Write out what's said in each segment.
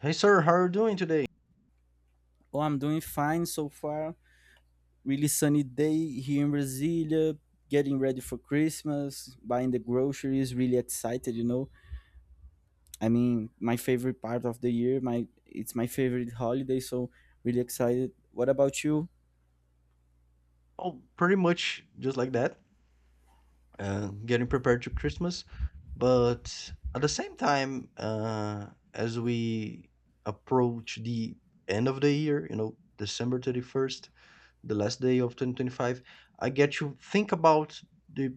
Hey, sir, how are you doing today? Oh, I'm doing fine so far. Really sunny day here in Brasilia. Getting ready for Christmas, buying the groceries. Really excited, you know. I mean, my favorite part of the year. My It's my favorite holiday, so really excited. What about you? Oh, pretty much just like that. Getting prepared to Christmas, but at the same time, as we approach the end of the year, December 31st, the last day of 2025, I get to think about the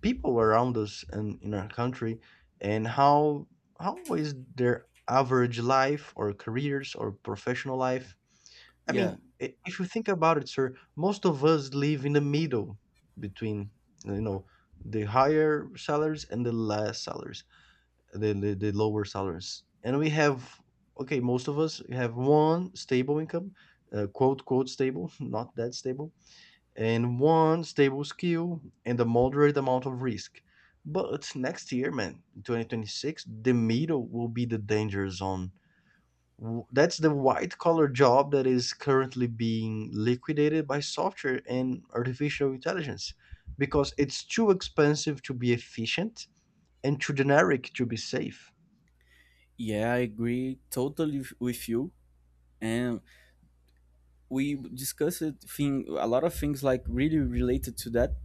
people around us and in our country, and how is their average life or careers or professional life. I mean, Yeah, if you think about it, sir, most of us live in the middle between, you know, the higher salaries and the less salaries, the lower salaries. And we have, okay, most of us have one stable income, quote, quote, stable, not that stable, and one stable skill and a moderate amount of risk. But next year, man, 2026, the middle will be the danger zone. That's the white collar job that is currently being liquidated by software and artificial intelligence, because it's too expensive to be efficient and too generic to be safe. yeah, I agree totally with you. And we discussed thing a lot of things like really related to that.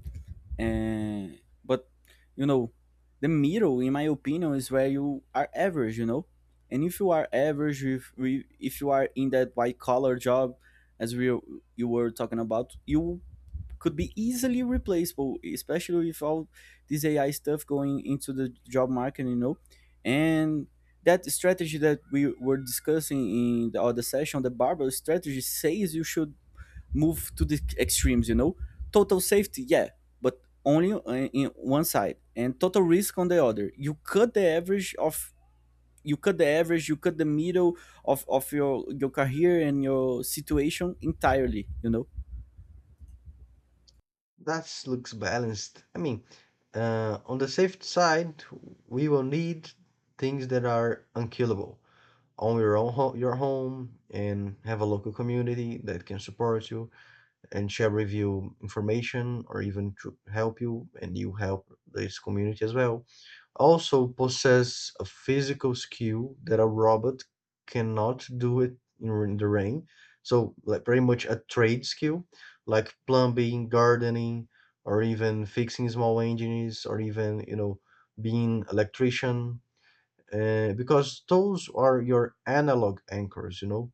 And but you know the middle, in my opinion, is where you are average, you know. And if you are average, if if you are in that white collar job, as we you were talking about, you could be easily replaceable, especially with all this ai stuff going into the job market, you know. And that strategy that we were discussing in the other session, the barbell strategy, says you should move to the extremes, you know? Total safety, yeah, but only in one side, and total risk on the other. You cut the average of you cut the average, you cut the middle of your career and your situation entirely, you know? That looks balanced. I mean, on the safe side, we will need things that are unkillable. Own your own ho- your home and have a local community that can support you and share with you information or even to help you and you help this community as well. Also possess a physical skill that a robot cannot do it in the rain. So like pretty much a trade skill like plumbing, gardening, or even fixing small engines or even, being electrician. Because those are your analog anchors.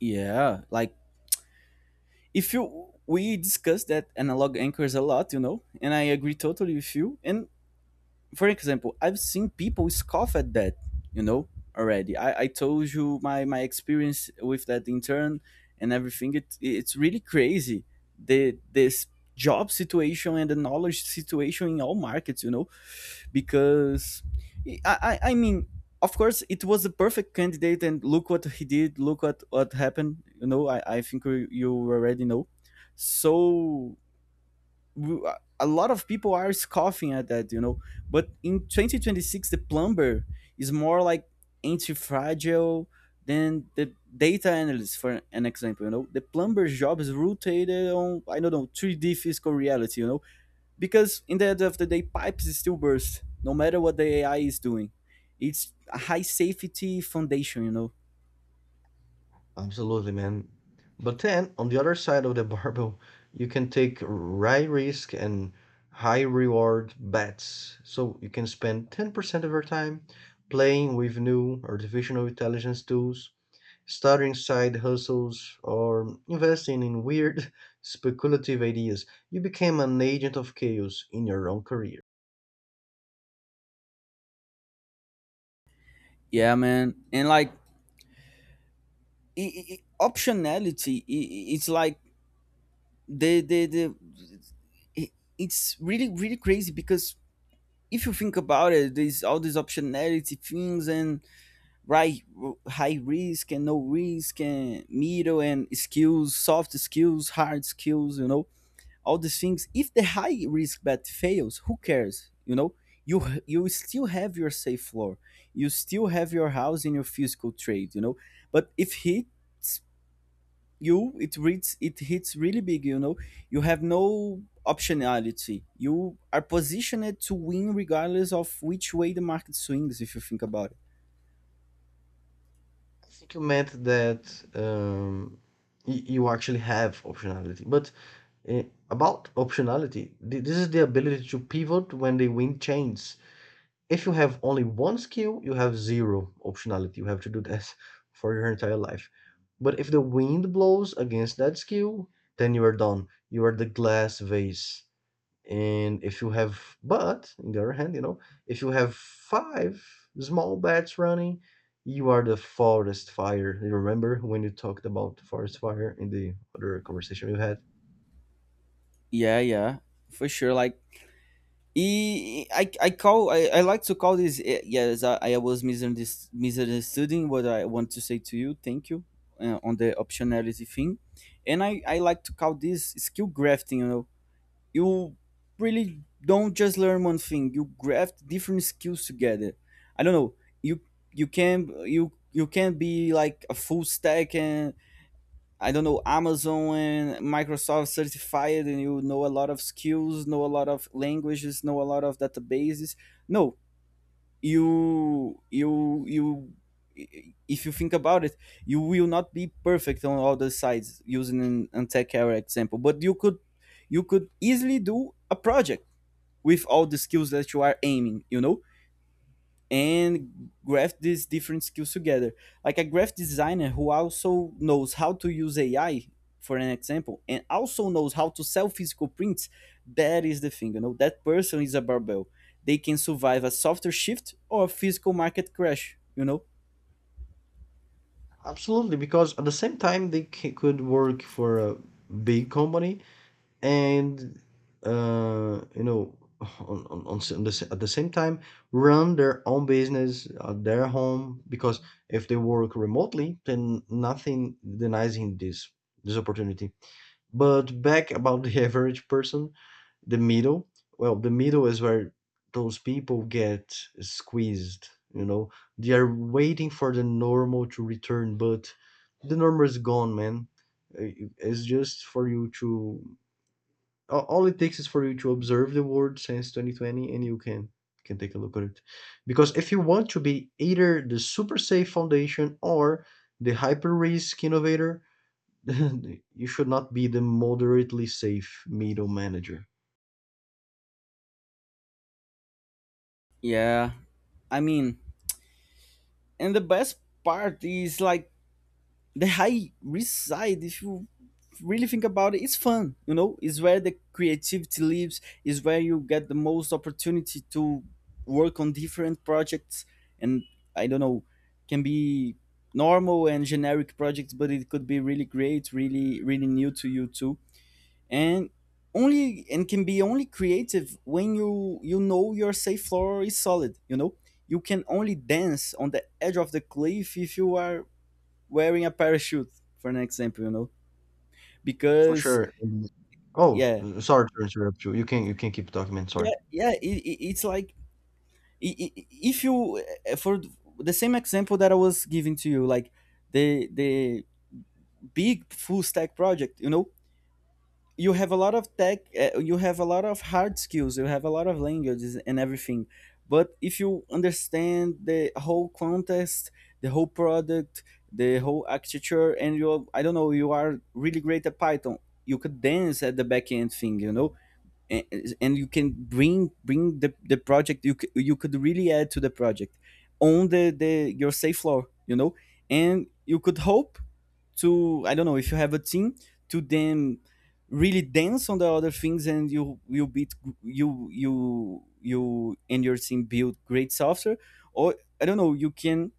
Yeah, like if you, we discussed that analog anchors a lot, you know, and I agree totally with you. And for example, I've seen people scoff at that, you know, already. I told you my, experience with that intern and everything. It's really crazy. The this job situation and the knowledge situation in all markets, you know, because I mean, of course, it was the perfect candidate, and look what he did, look what happened, you know. I think you already know. So w- a lot of people are scoffing at that, you know. But in 2026, the plumber is more like anti-fragile than the data analyst, for an example. You know, the plumber's job is rotated on, I don't know, 3D physical reality. You know, because in the end of the day, pipes still burst no matter what the AI is doing. It's a high safety foundation, you know. Absolutely, man. But then, on the other side of the barbell, you can take high risk and high reward bets. So you can spend 10% of your time playing with new artificial intelligence tools, starting side hustles, or investing in weird speculative ideas. You became an agent of chaos in your own career. Yeah, man, and like optionality, it's like the the the it, it's really really crazy because if you think about it, there's all these optionality things, and right, high risk and no risk and middle, and skills, soft skills, hard skills, you know, all these things. If the high risk bet fails, who cares, you know? You still have your safe floor, you still have your house in your physical trade, you know. But if he you it reads, it hits really big, you know, you have no optionality. You are positioned to win regardless of which way the market swings, if you think about it. I think you meant that um, you actually have optionality. But uh, about optionality, this is the ability to pivot when the wind changes. If you have only one skill, you have zero optionality. You have to do that for your entire life. But if the wind blows against that skill, then you are done. You are the glass vase. And if you have, but on the other hand, if you have five small bats running, you are the forest fire. You remember when you talked about forest fire in the other conversation you had? Yeah, yeah, for sure, like I like to call this, yes, I was misunderstanding what I want to say to you. Thank you. On the optionality thing, and I like to call this skill grafting, you know. You really don't just learn one thing, you graft different skills together. I don't know, you you can, you can be like a full stack, and, I don't know, amazon and microsoft certified, and, you know, a lot of skills, know a lot of languages, know a lot of databases. No, you, if you think about it, you will not be perfect on all the sides, using an tech era example, but you could, you could easily do a project with all the skills that you are aiming, you know, and graph these different skills together. Like a graphic designer who also knows how to use AI, for an example, and also knows how to sell physical prints, that is the thing, you know, that person is a barbell. They can survive a software shift or a physical market crash, you know? Absolutely, because at the same time, they could work for a big company and you know on, s- on the, s- at the same time run their own business at their home, because if they work remotely, then nothing denies him this opportunity. But back about the average person, the middle. Well, the middle is where those people get squeezed. They are waiting for the normal to return, but the normal is gone, man. It's just for you to all it takes is for you to observe the world since 2020, and you can take a look at it, because if you want to be either the super safe foundation or the hyper risk innovator you should not be the moderately safe middle manager. Yeah. I mean, and the best part is like the high risk side, if you really think about it, it's fun, you know. Is where the creativity lives, is where you get the most opportunity to work on different projects, and, I don't know, can be normal and generic projects, but it could be really great, really really new to you too. And only, and can be only creative when you know your safe floor is solid, you know. You can only dance on the edge of the cliff if you are wearing a parachute, for an example, you know, For because sure. Oh, yeah, sorry to interrupt you, you can keep talking, man. yeah, Sorry. yeah, it's like if you, for the same example that I was giving to you, like the big full stack project, you know, you have a lot of tech, you have a lot of hard skills, you have a lot of languages and everything. But if you understand the whole contest, the whole product, the whole architecture, and you, I don't know, you are really great at python, you could dance at the back end thing, you know. And, and you can bring the project, you could really add to the project on the your safe floor, you know. And you could hope to, I don't know, if you have a team, to then really dance on the other things, and you and your team build great software. Or, I don't know, you can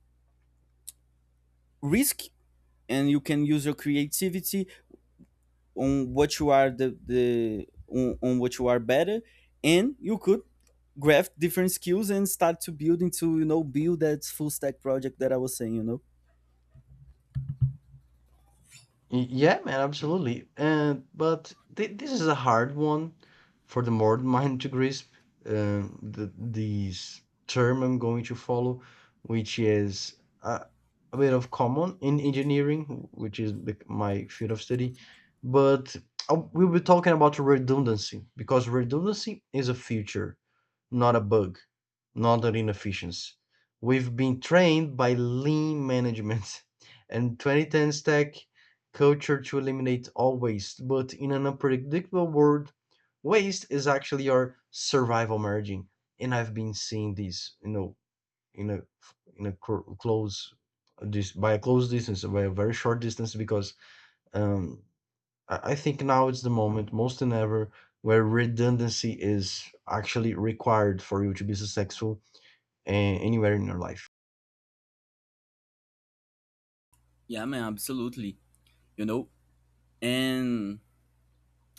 risk, and you can use your creativity on what you are on what you are better. And you could graft different skills and start to build into, you know, build that full stack project that I was saying, you know. Yeah, man, absolutely. And but this is a hard one for the modern mind to grasp. The This term I'm going to follow, which is a, a bit of common in engineering, which is my field of study. But we'll be talking about redundancy, because redundancy is a feature, not a bug, not an inefficiency. We've been trained by lean management and 2010 stack culture to eliminate all waste, but in an unpredictable world, waste is actually our survival margin. And I've been seeing this, in a close this by a close distance, by a very short distance, because um, I think now it's the moment, most than ever, where redundancy is actually required for you to be successful uh, anywhere in your life. Yeah, man, absolutely. You know, and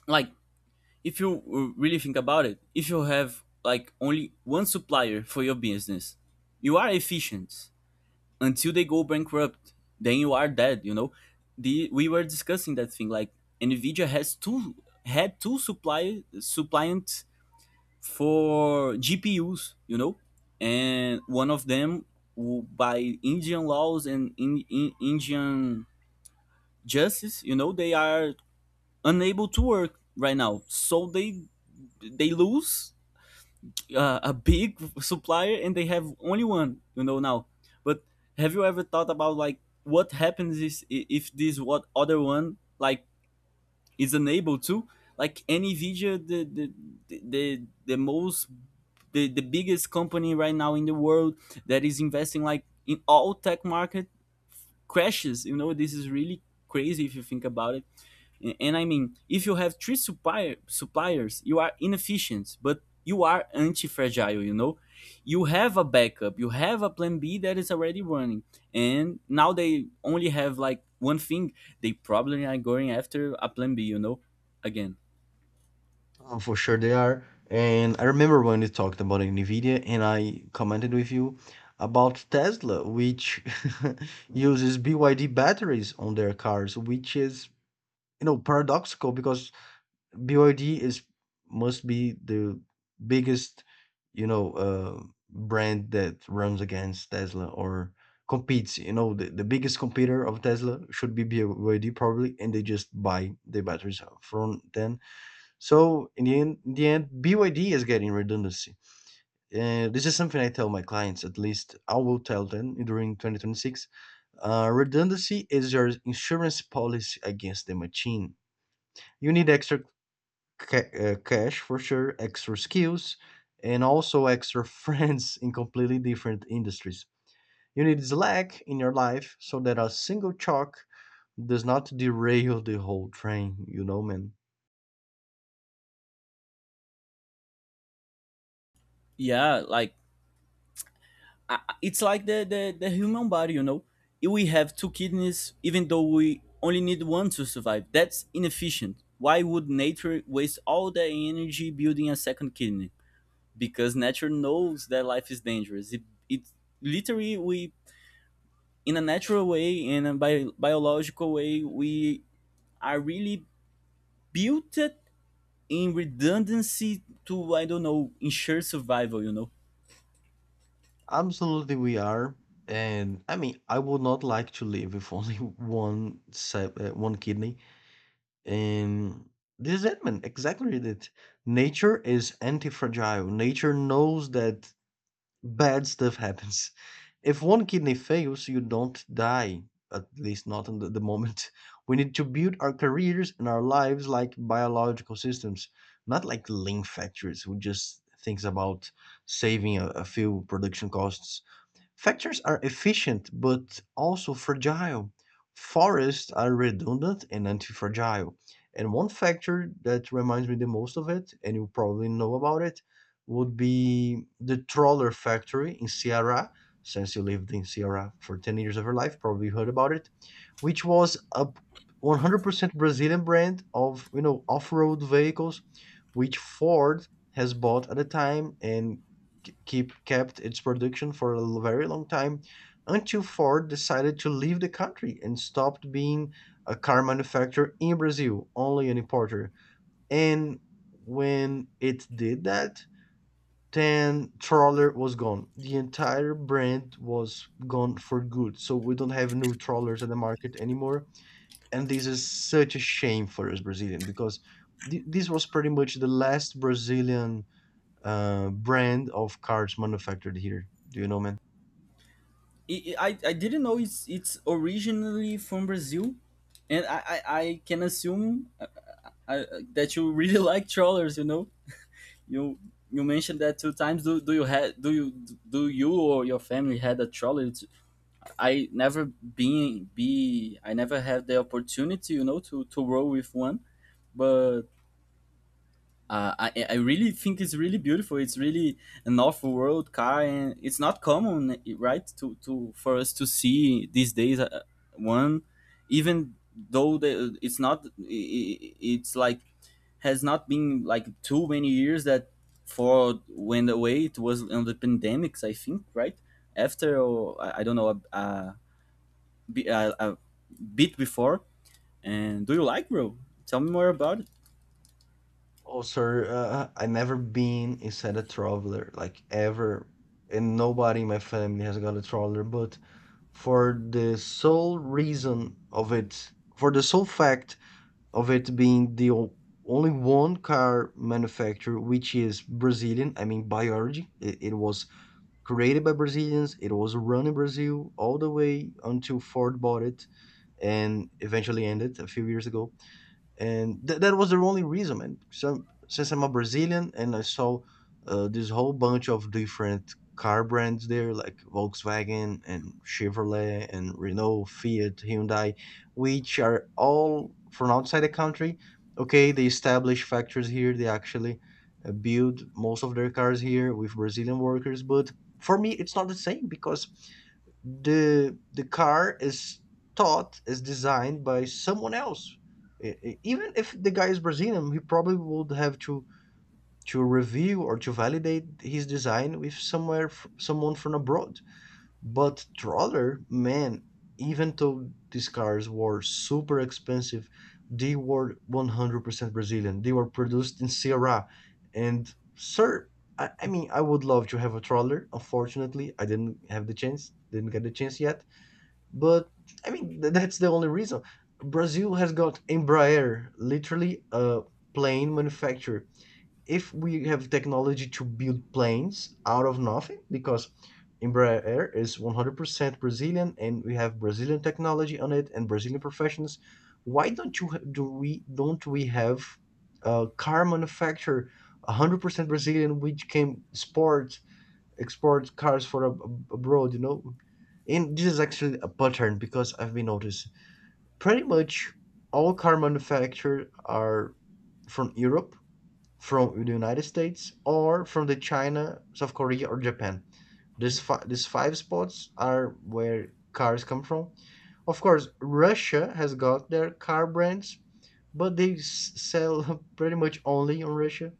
like, if you, really think about it, if you have like only one supplier for your business, you are efficient until they go bankrupt. Then you are dead. You know, the we were discussing that thing. Like Nvidia has two supply suppliants for GPUs. You know, and one of them, by Indian laws and Indian justice, you know, they are unable to work right now. So they lose a big supplier, and they have only one, you know, now. But have you ever thought about like what happens is, if this, what other one like, is unable to, like nvidia, the, the, the most, the biggest company right now in the world, that is investing like in all tech market crashes, you know, this is really crazy if you think about it. And, and i mean, if you have three suppliers, you are inefficient but you are anti-fragile, you know. You have a backup, you have a plan b that is already running. And now they only have like one thing, they probably are going after a plan b, you know, again. For sure they are. And I remember when we talked about NVIDIA and I commented with you about Tesla, which uses BYD batteries on their cars, which is, paradoxical, because BYD is must be the biggest, you know, uh, brand that runs against Tesla or competes. The biggest competitor of Tesla should be BYD, probably, and they just buy the batteries from them. So in the end, BYD is getting redundancy. And this is something I tell my clients. At least I will tell them during 2026. Redundancy is your insurance policy against the machine. You need extra cash for sure, extra skills, and also extra friends in completely different industries. You need slack in your life so that a single chalk does not derail the whole train, man. Yeah, like, it's like the human body, you know. We have two kidneys, even though we only need one to survive. That's inefficient. Why would nature waste all the energy building a second kidney? Because nature knows that life is dangerous. It Literally, we, in a natural way, in a biological way, we are really built in redundancy to, I don't know, ensure survival, you know. Absolutely, we are. And I mean, I would not like to live with only one kidney. And this is it, man. Exactly it. Nature is anti-fragile. Nature knows that bad stuff happens. If one kidney fails, you don't die, at least not in the moment. We need to build our careers and our lives like biological systems, not like lean factories who just thinks about saving a few production costs. Factors are efficient but also fragile. Forests are redundant and anti-fragile. And one factor that reminds me the most of it, and you probably know about it, would be the Trawler Factory in Ceará. Since you lived in Ceará for 10 years of your life, probably heard about it, which was a 100% Brazilian brand of, off-road vehicles, which Ford has bought at the time and keep kept its production for a very long time, until Ford decided to leave the country and stopped being a car manufacturer in Brazil, only an importer. And when it did that, then trawler was gone. The entire brand was gone for good. So we don't have new trawlers in the market anymore. And this is such a shame for us Brazilian, because this was pretty much the last Brazilian brand of cars manufactured here. Do you know, man? I didn't know it's originally from Brazil, and I can assume uh, uh, that you really like trawlers. You know, you mentioned that two times. Do you had, do you or your family had a trawler? I never been be I never had the opportunity, you know, to row with one. But I really think it's really beautiful. It's really an off-world car, and it's not common, right, to for us to see these days, one, even though it's not, it's like has not been like too many years that Ford went away. It was on the pandemics, I think, right after, or I don't know, a bit before. And do you like, bro? Tell me more about it. Oh, sir, I never been inside a traveler, like ever, and nobody in my family has got a traveler. But for the sole reason of it, for the sole fact of it being the only one car manufacturer which is Brazilian, I mean, by origin, it was created by Brazilians, it was run in Brazil all the way until Ford bought it and eventually ended a few years ago. And that was the only reason, man. So since I'm a Brazilian, and I saw this whole bunch of different car brands there, like Volkswagen and Chevrolet and Renault, Fiat, Hyundai, which are all from outside the country. Okay, they establish factories here, they actually build most of their cars here with Brazilian workers. But for me it's not the same, because the car is thought, is designed by someone else. Even if the guy is Brazilian, he probably would have to review or to validate his design with someone from abroad. But troller, man, even though these cars were super expensive, they were 100% Brazilian, they were produced in Ceará. And sir, I mean, I would love to have a troller. Unfortunately, I didn't have the chance, didn't get the chance yet. But I mean, that's the only reason. Brazil has got Embraer, literally a plane manufacturer. If we have technology to build planes out of nothing, because Embraer is 100% Brazilian, and we have Brazilian technology on it and Brazilian professionals, why don't you ha- do we don't we have a car manufacturer 100% Brazilian which can sport export cars for abroad? And this is actually a pattern, because I've been noticed pretty much all car manufacturers are from Europe, from the United States, or from the China, South Korea, or Japan. These five spots are where cars come from. Of course, Russia has got their car brands, but they sell pretty much only on Russia.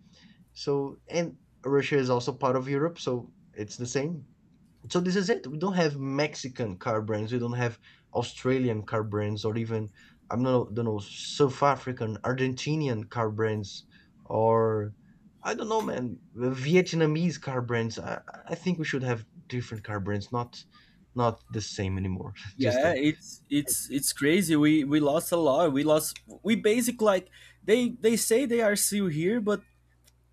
So and Russia is also part of Europe, so it's the same. So this is it. We don't have Mexican car brands. We don't have Australian car brands, or even I do not know, don't know, South African, Argentinian car brands, or I don't know, man, Vietnamese car brands. I think we should have different car brands, not the same anymore. Just Yeah, a. it's Eh. it's it's crazy. We lost a lot. We lost. We basically like they say they are still here, but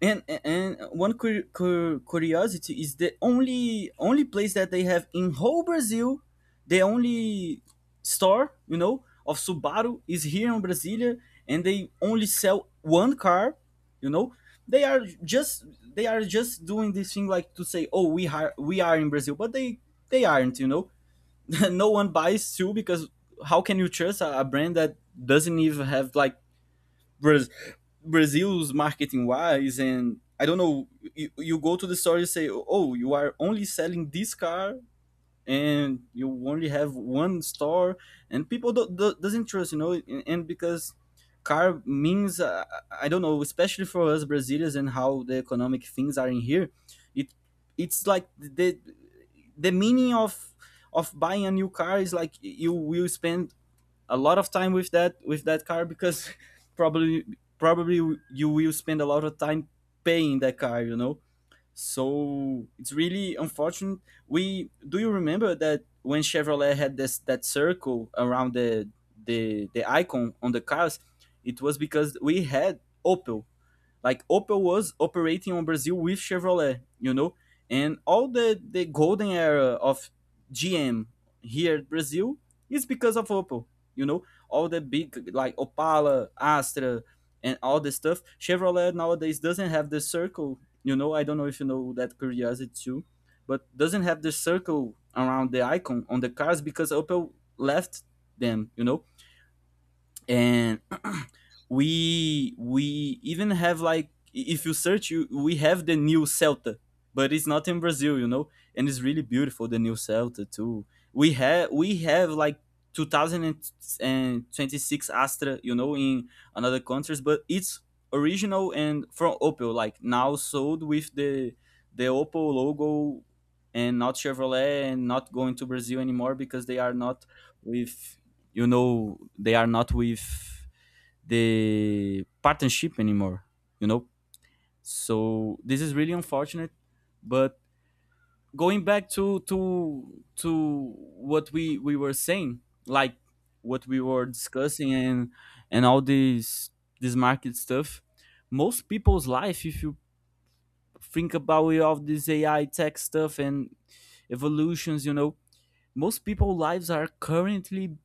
and one curiosity is the only place that they have in whole Brazil, the only store, you know, of Subaru, is here in Brasilia, and they only sell one car. You know, they are just, they are just doing this thing like to say, oh, we are, we are in Brazil, but they aren't. You know, no one buys too because how can you trust a brand that doesn't even have like Braz- Brazil's marketing wise. And I don't know, you go to the store, you say, oh, you are only selling this car and you only have one store and people don't, do doesn't trust, you know. And because car means I don't know, especially for us brazilians and how the economic things are in here, it it's like the meaning of buying a new car is like you will spend a lot of time with that car because probably probably you will spend a lot of time paying that car, you know. So it's really unfortunate. We Do you remember that when Chevrolet had this that circle around the the icon on the cars? It was because we had Opel. Like Opel was operating on Brazil with Chevrolet, you know, and all the golden era of GM here in Brazil is because of Opel, you know, all the big like Opala, Astra, and all this stuff. Chevrolet nowadays doesn't have the circle, you know. I don't know if you know that curiosity too, but doesn't have the circle around the icon on the cars because Opel left them, you know. And we even have like if you search you we have the new Celta, but it's not in Brazil, you know, and it's really beautiful the new Celta too. We have like 2026 Astra, you know, in another countries, but it's original and from Opel, like now sold with the Opel logo and not Chevrolet, and not going to Brazil anymore because they are not with, you know, they are not with the partnership anymore, you know. So this is really unfortunate. But going back to to what we were saying, like what we were discussing, and all this this market stuff, most people's life, if you think about it, all this ai tech stuff and evolutions, you know, most people's lives are currently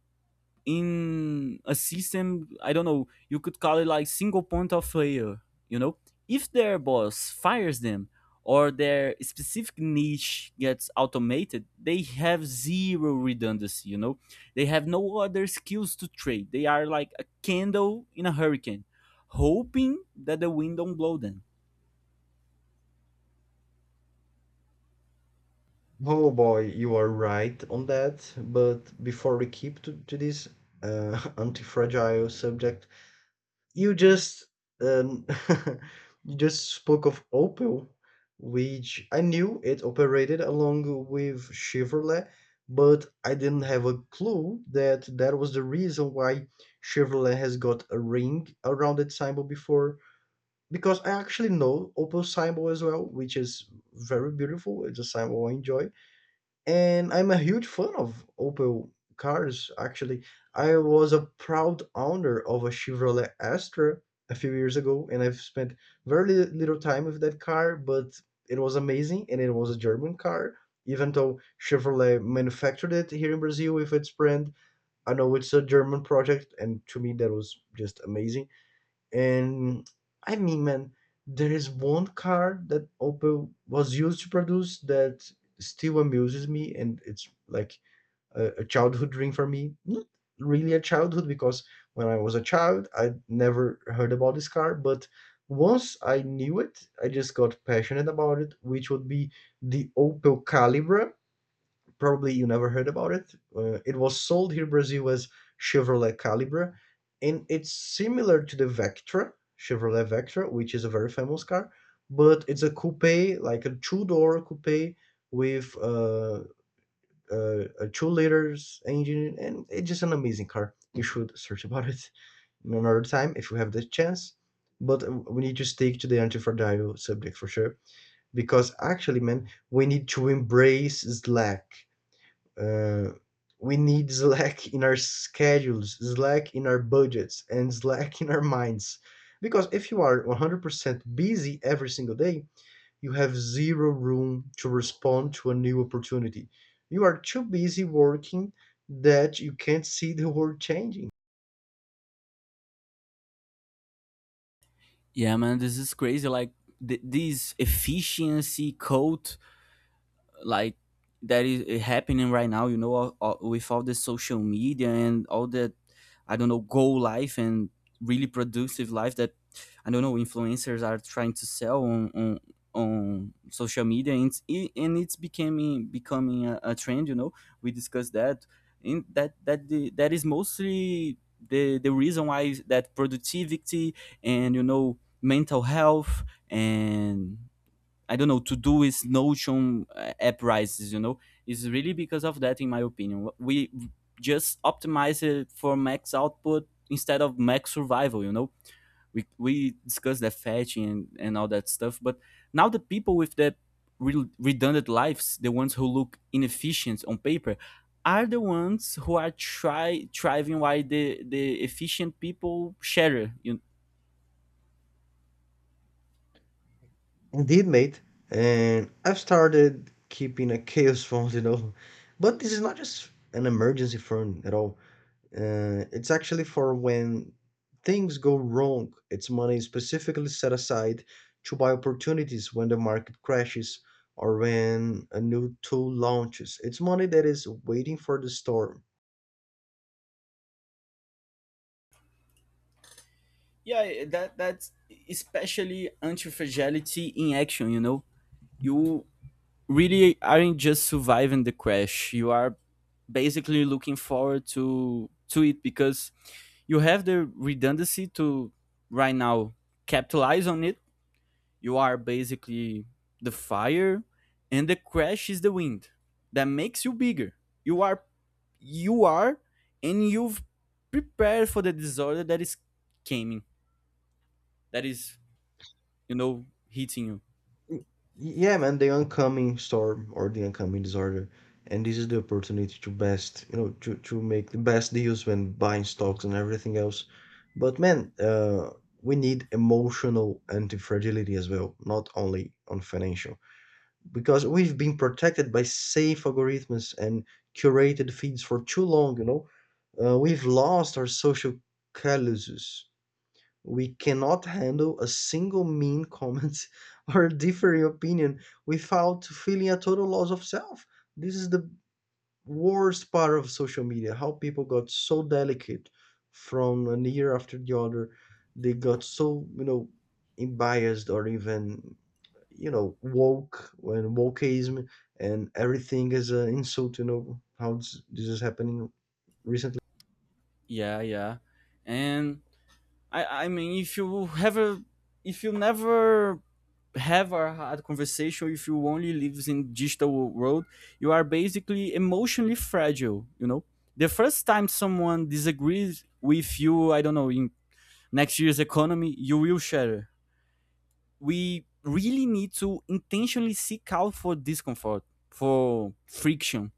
in a system, I don't know, you could call it like single point of failure, you know. If their boss fires them or their specific niche gets automated, they have zero redundancy, you know. They have no other skills to trade. They are like a candle in a hurricane hoping that the wind don't blow them. Oh boy, you are right on that. But before we keep to this anti-fragile subject, you just um, you just spoke of Opel, which I knew it operated along with Chevrolet, but I didn't have a clue that that was the reason why Chevrolet has got a ring around its symbol before. Because I actually know Opel symbol as well, which is very beautiful. It's a symbol I enjoy, and I'm a huge fan of Opel cars. Actually, I was a proud owner of a Chevrolet Astra a few years ago, and I've spent very little time with that car, but it was amazing, and it was a German car. Even though Chevrolet manufactured it here in Brazil with its brand, I know it's a German project, and to me that was just amazing. And I mean, man, there is one car that Opel was used to produce that still amuses me, and it's like a childhood dream for me. Not really a childhood, because when I was a child, I never heard about this car, but once I knew it, I just got passionate about it, which would be the Opel Calibra. Probably you never heard about it. It was sold here in Brazil as Chevrolet Calibre, and it's similar to the Vectra, Chevrolet Vectra, which is a very famous car, but it's a coupe, like a two-door coupe with a 2 liter engine, and it's just an amazing car. You should search about it another time if you have the chance. But we need to stick to the anti-fragile subject for sure, because actually, man, we need to embrace slack. uh, we need slack in our schedules, slack in our budgets, and slack in our minds. Because if you are 100% busy every single day, you have zero room to respond to a new opportunity. You are too busy working that you can't see the world changing. Yeah, man, this is crazy. Like this efficiency code, like that is happening right now, you know, with all the social media and all that, I don't know, goal life and really productive life that, I don't know, influencers are trying to sell on on social media. And and it's becoming a trend, you know. We discussed that in that the, that is mostly the reason why that productivity and you know mental health and I don't know, To do Todoist, Notion, app rises, you know, is really because of that, in my opinion. We just optimize it for max output instead of max survival, you know. We discussed the fetching and all that stuff, but now the people with the redundant lives, the ones who look inefficient on paper, are the ones who are try thriving while the efficient people shatter, you. Indeed, mate. And I've started keeping a chaos phone, you know. But this is not just an emergency phone at all. It's actually for when things go wrong. It's money specifically set aside to buy opportunities when the market crashes or when a new tool launches. It's money that is waiting for the storm. Yeah, eh, that that's especially anti-fragility in action, you know. You really aren't just surviving the crash. You are basically looking forward to it because you have the redundancy to right now capitalize on it. You are basically the fire and the crash is the wind that makes you bigger. You are you are and you've prepared for the disorder that is coming. That is, you know, hitting you. Y- Yeah, man, the oncoming storm or the oncoming disorder. And this is the opportunity to best, you know, to make the best deals when buying stocks and everything else. But man, we need emotional anti-fragility as well, not only on financial. Because we've been protected by safe algorithms and curated feeds for too long, you know. We've lost our social calluses. We cannot handle a single mean comment or differing opinion without feeling a total loss of self. This is the worst part of social media, how people got so delicate from an year after the other. They got so, you know, biased or even, you know, woke, and wokeism and everything as an insult. You know how this is happening recently. Yeah, yeah. And I mean, if you have if you never have a hard conversation, if you only live in digital world, you are basically emotionally fragile. You know, the first time someone disagrees with you, I don't know, in next year's economy, you will shatter. We really need to intentionally seek out for discomfort, for friction,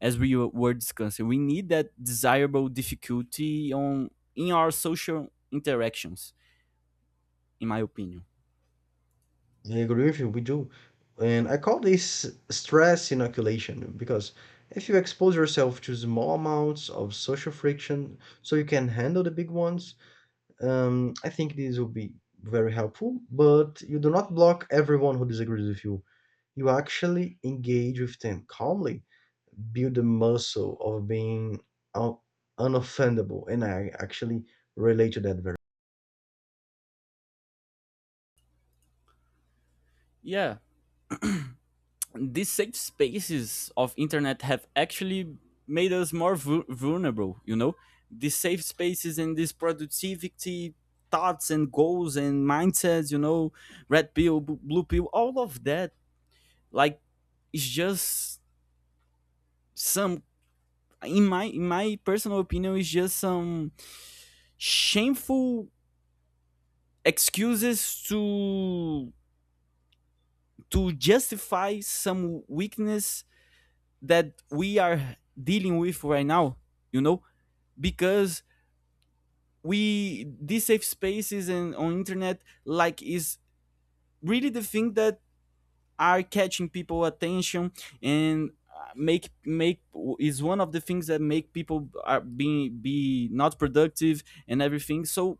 as we were discussing. We need that desirable difficulty on in our social interactions, in my opinion. I agree with you, we do. And I call this stress inoculation, because if you expose yourself to small amounts of social friction, so you can handle the big ones. I think this will be very helpful, but you do not block everyone who disagrees with you. You actually engage with them calmly, build the muscle of being un- unoffendable, and I actually relate to that very. Yeah, these safe spaces of internet have actually made us more vulnerable. You know, these safe spaces and this productivity thoughts and goals and mindsets. You know, red pill, blue pill, all of that. Like, it's just some, in my personal opinion, it's just some shameful excuses to justify some weakness that we are dealing with right now, you know. Because we, these safe spaces and on internet, like, is really the thing that are catching people attention. And make make is one of the things that make people are being be not productive and everything. So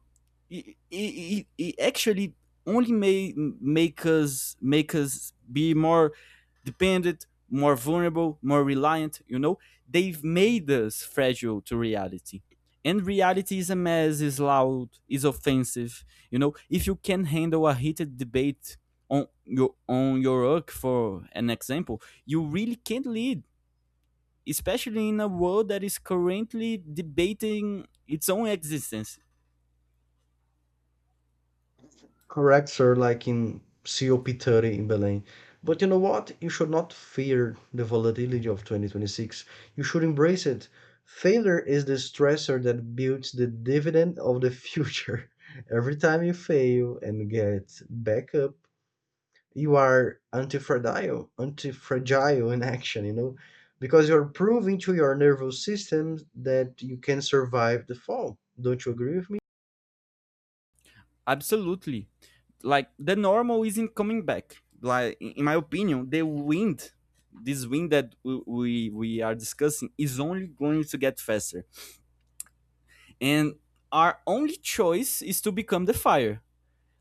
it actually only may make us be more dependent, more vulnerable, more reliant, you know. They've made us fragile to reality, and reality is a mess, is loud, is offensive, you know. If you can handle a heated debate on your work for an example, you really can't lead, especially in a world that is currently debating its own existence. Correct, sir, like in COP30 in Belém. But you know what, you should not fear the volatility of 2026, you should embrace it. Failure is the stressor that builds the dividend of the future. Every time you fail and get back up, you are anti fragile in action, you know, because you're proving to your nervous system that you can survive the fall. Don't you agree with me? Absolutely. Like the normal isn't coming back. Like in my opinion, the wind, this wind that we are discussing is only going to get faster, and our only choice is to become the fire.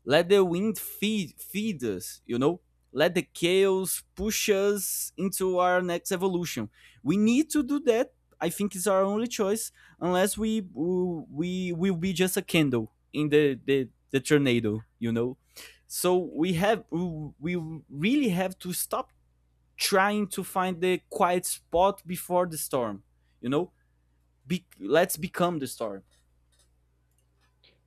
Let the wind feed us, you know? Let the chaos push us into our next evolution. We need to do that. I think it's our only choice, unless we will be just a candle in the, the tornado, you know? So we have, we really have to stop trying to find the quiet spot before the storm, you know? Be, let's become the storm.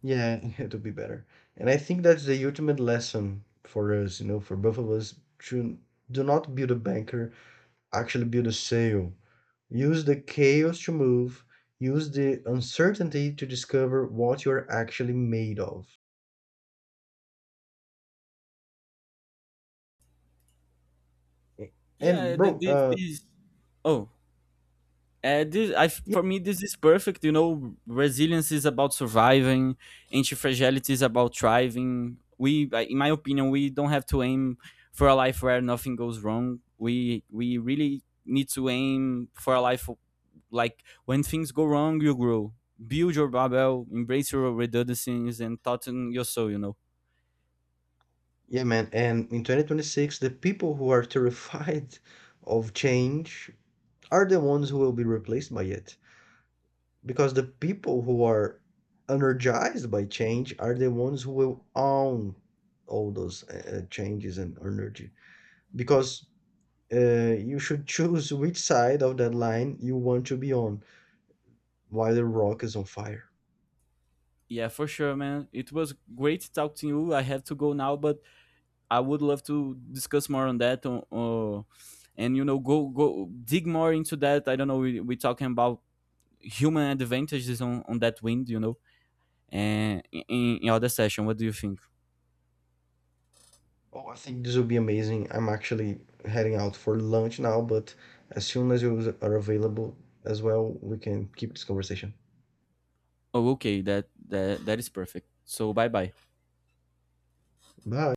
Yeah, it'll be better. And I think that's the ultimate lesson for us, you know, for both of us, to do not build a banker, actually build a sail. Use the chaos to move, use the uncertainty to discover what you're actually made of. And Yeah, the, bro, this, uh, this. Oh, uh, this, I, for me, this is perfect. You know, resilience is about surviving. Anti-fragility is about thriving. I- in my opinion, we don't have to aim for a life where nothing goes wrong. We really need to aim for a life like when things go wrong, you grow. Build your barbell, embrace your redundancies, and thoughten your soul. You know. Yeah, man. And in 2026, the people who are terrified of change are the ones who will be replaced by it. Because the people who are energized by change are the ones who will own all those changes and energy. Because you should choose which side of that line you want to be on while the rock is on fire. Yeah, for sure, man. It was great talking to you. I have to go now, but I would love to discuss more on that. And you know, go dig more into that. I don't know. We talking about human advantages on that wind, you know. And in other session, what do you think? Oh, I think this will be amazing. I'm actually heading out for lunch now, but as soon as you are available as well, we can keep this conversation. Oh, okay, that that is perfect. So bye bye. Bye.